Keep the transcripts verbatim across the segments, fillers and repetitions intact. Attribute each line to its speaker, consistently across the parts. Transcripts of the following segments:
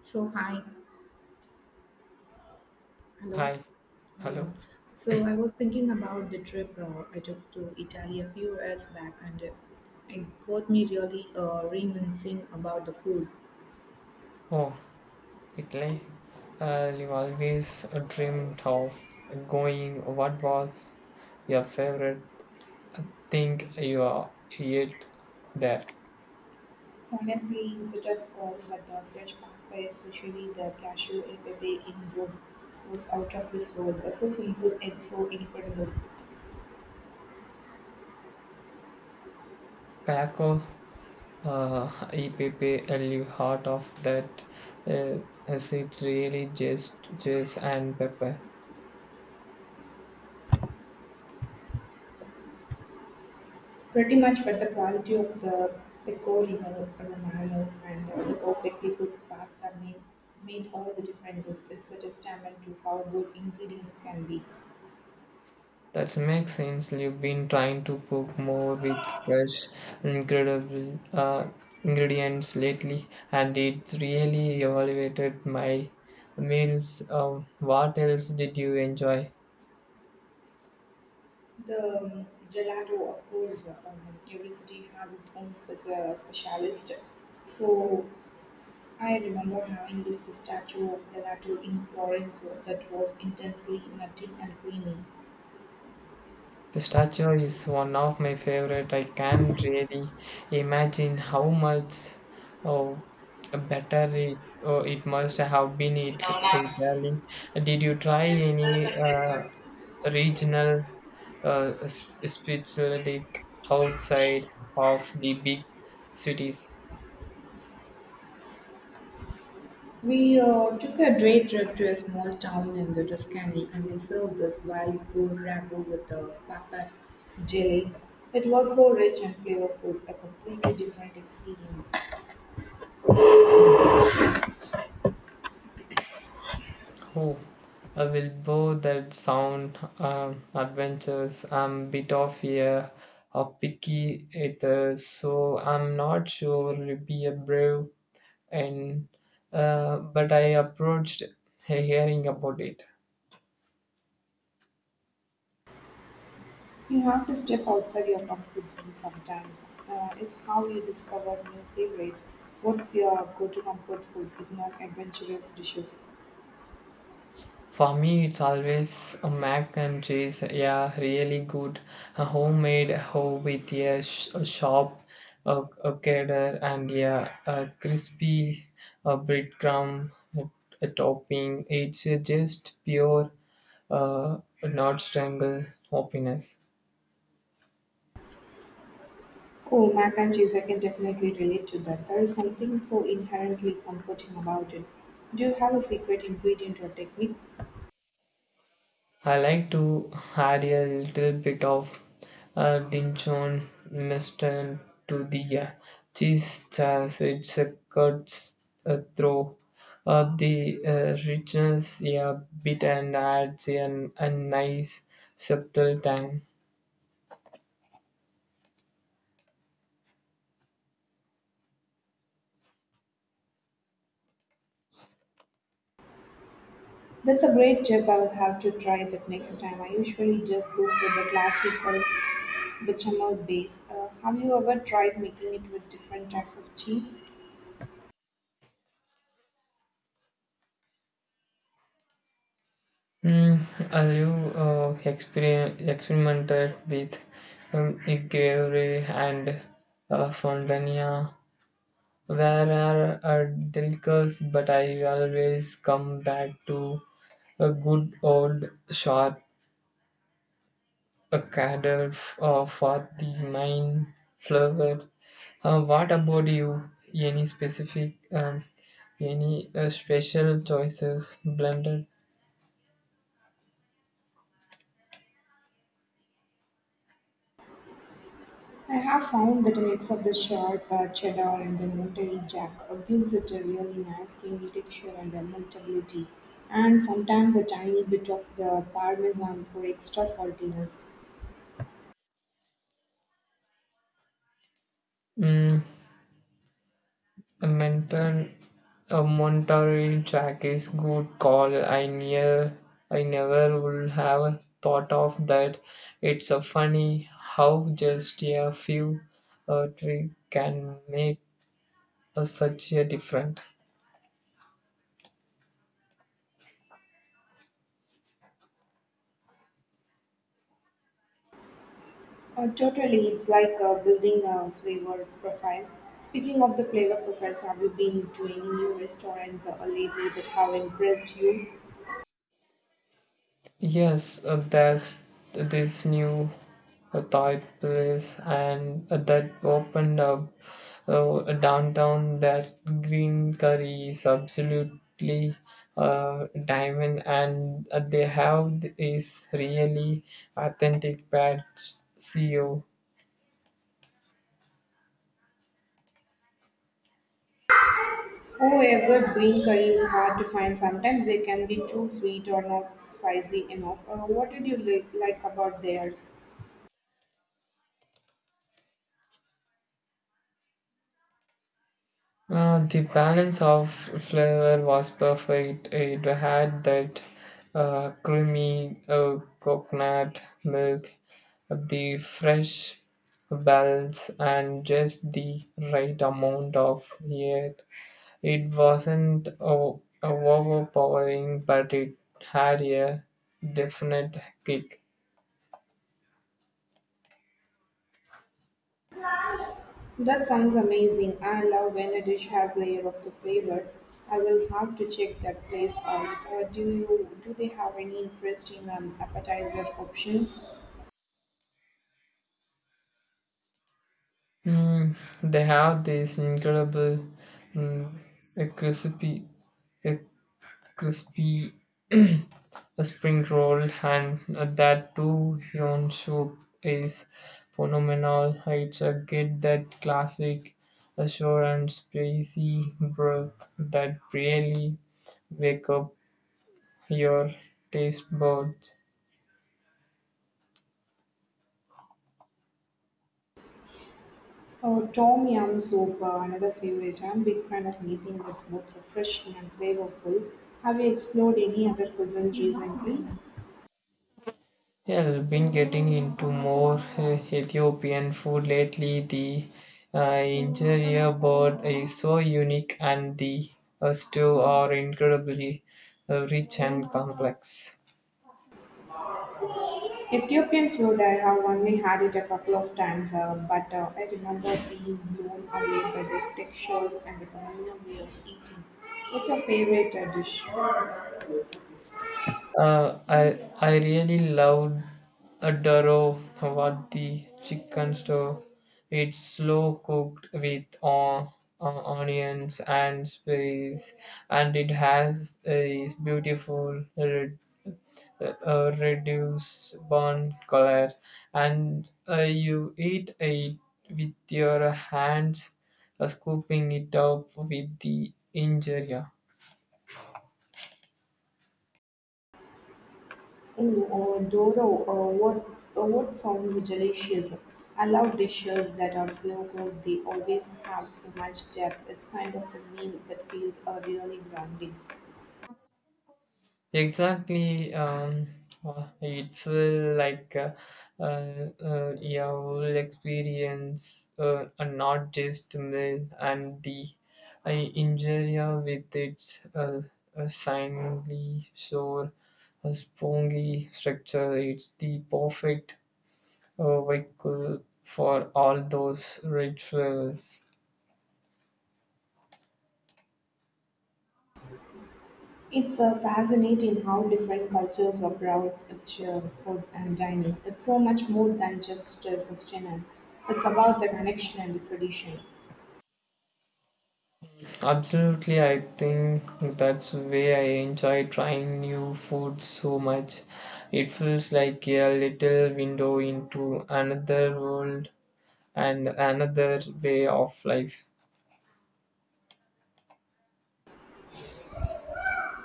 Speaker 1: So hi. Hello.
Speaker 2: Hi,
Speaker 1: Yeah.
Speaker 2: hello.
Speaker 1: So I was thinking about the trip uh, I took to Italy a few years back, and uh, it got me really uh, reminiscing about the food.
Speaker 2: Oh, Italy. Uh, you always uh, dreamed of going. What was your favorite thing you are ate there?
Speaker 1: Honestly, it's a tough call, but the fresh pasta, especially the cashew e pepe in Rome, was out of this world. Uh, So simple and so incredible.
Speaker 2: Kayako, uh, E P P, you heart of that. Uh, as it's really just cheese and pepper.
Speaker 1: Pretty much, but the quality of the pecorino romano and uh, the perfectly cooked pasta made, made all the differences. It's a testament to how good ingredients can be.
Speaker 2: That makes sense. You've been trying to cook more with fresh, incredible uh, ingredients lately, and it's really elevated my meals. Um, what else did you enjoy?
Speaker 1: The um, gelato, of course, um, every city has its own speci- uh, specialist. So I remember having this pistachio gelato in Florence that was intensely nutty and creamy.
Speaker 2: Pistachio is one of my favorite. I can't really imagine how much oh, better it, oh, it must have been it Italy. Did you try any uh, regional uh, s- spirituality outside of the big cities.
Speaker 1: We uh, took a day trip to a small town in the Tuscany and they served this wild boar ragu with a pepper jelly. It was so rich and flavorful, a completely different experience.
Speaker 2: Oh, I will bow that sound um, adventures. I'm bit of a, a picky eater, so I'm not sure to be a brave and uh, but I approached hearing about it.
Speaker 1: You have to step outside your comfort zone sometimes. Uh, it's how you discover new favorites. What's your go-to comfort food, if not adventurous dishes?
Speaker 2: For me, it's always a mac and cheese. Yeah, really good. A homemade hoe with a, sh- a sharp a, a cheddar and yeah, a crispy a breadcrumb a, a topping. It's uh, just pure uh, not strangle happiness.
Speaker 1: Oh, mac and cheese, I can definitely relate to that. There is something so inherently comforting about it. Do you have a secret ingredient or technique?
Speaker 2: I like to add a little bit of uh, Dijon mustard to the uh, cheese as it uh, cuts uh, through uh, the uh, richness a bit and adds an, a nice subtle tang.
Speaker 1: That's a great tip. I will have to try that next time. I usually just go for the classic or bechamel base. Uh, have you ever tried making it with different types of cheese?
Speaker 2: Mm, have you uh, experien experimented with um, gravy and uh, fondant. Where are our delicious, but I always come back to a good old shot, a cadre f- uh, for the main flavor. Uh, what about you? Any specific, um, any uh, special choices blended?
Speaker 1: I have found that a mix of the sharp uh, cheddar and the Monterey Jack uh, gives it a really nice creamy texture and a meltability, and sometimes a tiny bit of the Parmesan for extra saltiness.
Speaker 2: Mm, mental. A Monterey Jack is good call. I near I never would have thought of that. It's a funny how just a few uh, tricks can make a, such a difference.
Speaker 1: Uh, totally, it's like uh, building a flavor profile. Speaking of the flavor profiles, have you been to any new restaurants uh, lately that have impressed you?
Speaker 2: Yes, uh, there's this new uh, Thai place, and uh, that opened up uh, downtown. That green curry is absolutely uh, diamond, and uh, they have is really authentic pad see.
Speaker 1: Oh, a good green curry is hard to find. Sometimes they can be too sweet or not spicy enough. Uh, what did you li- like about theirs?
Speaker 2: Uh, the balance of flavor was perfect. It had that uh, creamy uh, coconut milk, the fresh balance, and just the right amount of heat. It wasn't o- overpowering, but it had a definite kick.
Speaker 1: That sounds amazing. I love when a dish has layer of the flavor. I will have to check that place out. Uh, do you do they have any interesting um, appetizer options?
Speaker 2: Mm, they have this incredible mm, a crispy a crispy a spring roll, and that two yon soup, is phenomenal. It's a get that classic ashore and spicy broth that really wake up your taste buds.
Speaker 1: Oh, tom yum soup, uh, another favorite. I'm a big fan of anything that's both refreshing and flavorful. Have you explored any other cuisines recently?
Speaker 2: Yeah, I've been getting into more uh, Ethiopian food lately. The uh, injera board is so unique, and the uh, stew are incredibly uh, rich and complex.
Speaker 1: Ethiopian food, I have only had it a couple of times, uh, but uh, I remember being blown away by the textures and the volume way of eating. What's your favorite uh, dish?
Speaker 2: Uh, I I really loved Adoro Tawadi chicken store. It's slow cooked with on, uh, onions and spice, and it has a beautiful red, uh, reduced brown color. And uh, you eat it with your hands, uh, scooping it up with the injera.
Speaker 1: Oh, uh, Doro, uh, what, uh, what sounds delicious. I love dishes that are slow cooked. They always have so much depth. It's kind of the meal that feels uh, really grounding.
Speaker 2: Exactly. Um, uh, it feel like uh, uh, uh, your whole experience, uh, and not just meal and the uh, injuria with its uh, uh, shiny, sore, uh, spongy structure. It's the perfect uh, vehicle for all those rich flavors.
Speaker 1: It's uh, fascinating how different cultures approach uh, food and dining. It's so much more than just uh, sustenance. It's about the connection and the tradition.
Speaker 2: Absolutely, I think that's why I enjoy trying new food so much. It feels like a little window into another world and another way of life.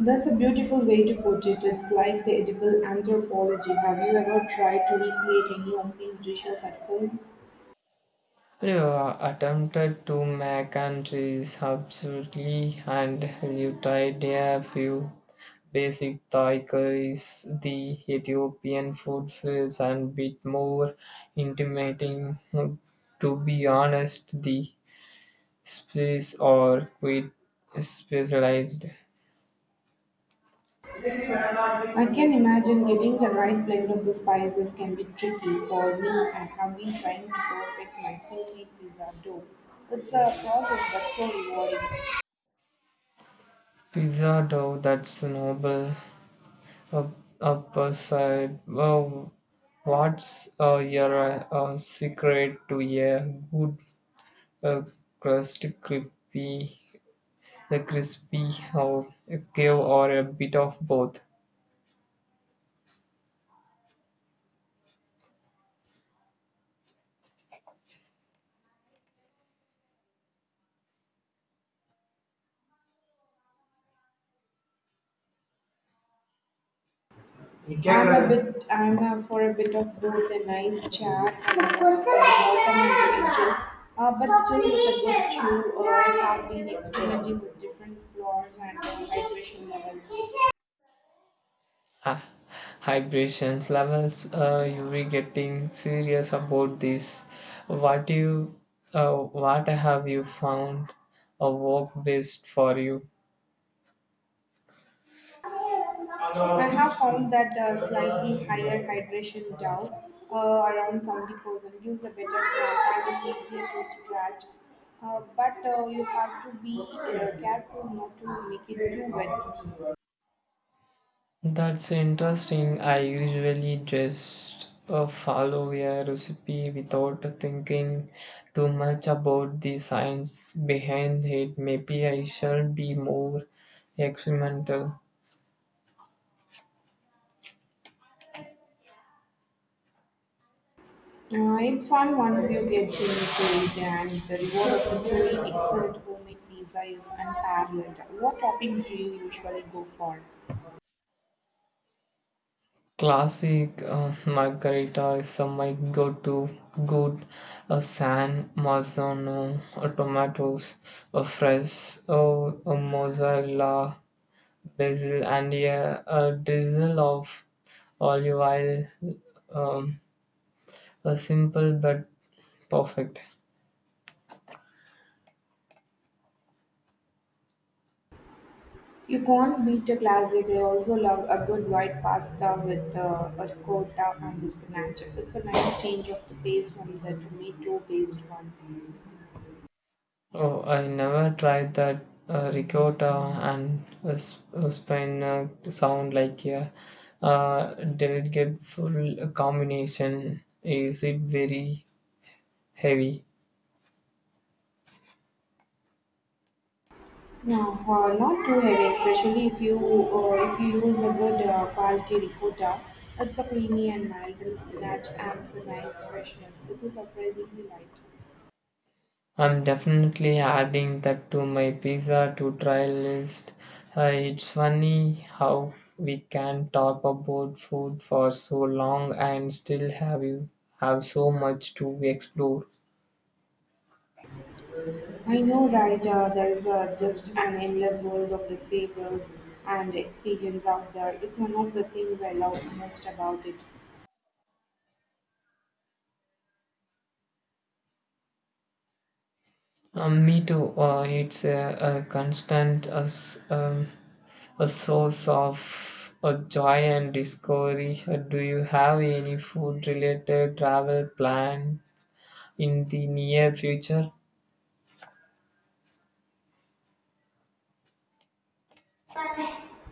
Speaker 1: That's a beautiful way to put it. It's like the edible anthropology. Have you ever tried to recreate any of these dishes at home?
Speaker 2: You attempted to make countries absolutely, and you tried a few basic Thai curries. The Ethiopian food feels a bit more intimidating. To be honest, the space or quite specialized
Speaker 1: I can imagine getting the right blend of the spices can be tricky. For me, I have been trying to perfect my homemade pizza dough. It's a process but so rewarding.
Speaker 2: pizza dough that's noble up, upside. Wow, what's uh, your uh, secret to a good uh, crust, crispy, the crispy or a cave or a bit of both?
Speaker 1: I'm a bit, I'm a, for a bit of both, a nice chat and a for alternative edges, uh, but still with a good chew. Uh, I have been experimenting with different flours and uh, hydration levels.
Speaker 2: Ah, vibrations levels uh, you be getting serious about this what you uh, what have you found a work best for you.
Speaker 1: I have found that a slightly higher hydration down uh, around seventy percent gives a better crop and is easier to extract. Uh, but uh, you have to be uh, careful not to make it too wet.
Speaker 2: That's interesting. I usually just uh, follow a recipe without thinking too much about the science behind it. Maybe I shall be more experimental.
Speaker 1: Uh, it's fun once you get into it, and the reward of the truly excellent homemade pizza is unparalleled. What toppings do you usually go for?
Speaker 2: Classic uh, margarita is uh, my go-to. Good uh, San Marzano uh, tomatoes, uh, fresh uh, uh, mozzarella, basil, and a, a drizzle of olive oil. Um, a simple but perfect.
Speaker 1: You can't beat a classic. I also love a good white pasta with uh, a ricotta and spinach. It's a nice change of the pace from the tomato based ones.
Speaker 2: Oh, I never tried that. Uh, ricotta and uh, sp- uh, spin uh, sound like a uh, delicate full combination. Is it very heavy?
Speaker 1: No, uh, not too heavy, especially if you uh, if you use a good uh, quality ricotta. It's a creamy and mild, and spinach adds a nice freshness. It is surprisingly light.
Speaker 2: I'm definitely adding that to my pizza to try list. Uh, it's funny how we can talk about food for so long and still have you have so much to explore.
Speaker 1: I know, right? Uh, there is uh, just an endless world of the flavors and experience out there. It's one of the things I love most about it.
Speaker 2: Um, me too. Uh, it's a, a constant uh, s- um, a source of uh, joy and discovery. Uh, do you have any food related travel plan in the near future?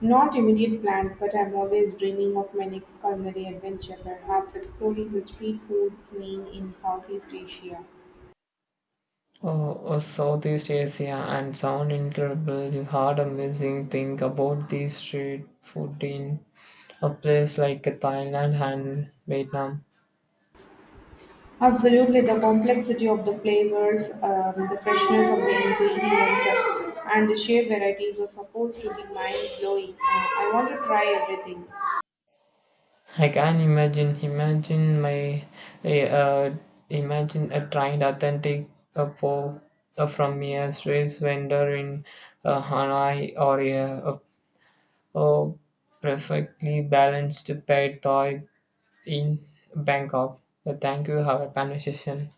Speaker 1: Not immediate plans, but I'm always dreaming of my next culinary adventure, perhaps exploring the street food scene in Southeast Asia.
Speaker 2: Oh, oh, Southeast Asia and sound incredible. You heard amazing thing about the street food in a place like Thailand and Vietnam.
Speaker 1: Absolutely, the complexity of the flavors, um, the freshness of the ingredients, uh, and the sheer varieties are supposed to be mind blowing. I want to try everything.
Speaker 2: I can imagine imagine my a, uh, imagine a trained authentic uh, po uh, from a street vendor in uh, Hanoi or a, a, a perfectly balanced paid Thai in Bangkok. Uh, thank you. Have a conversation.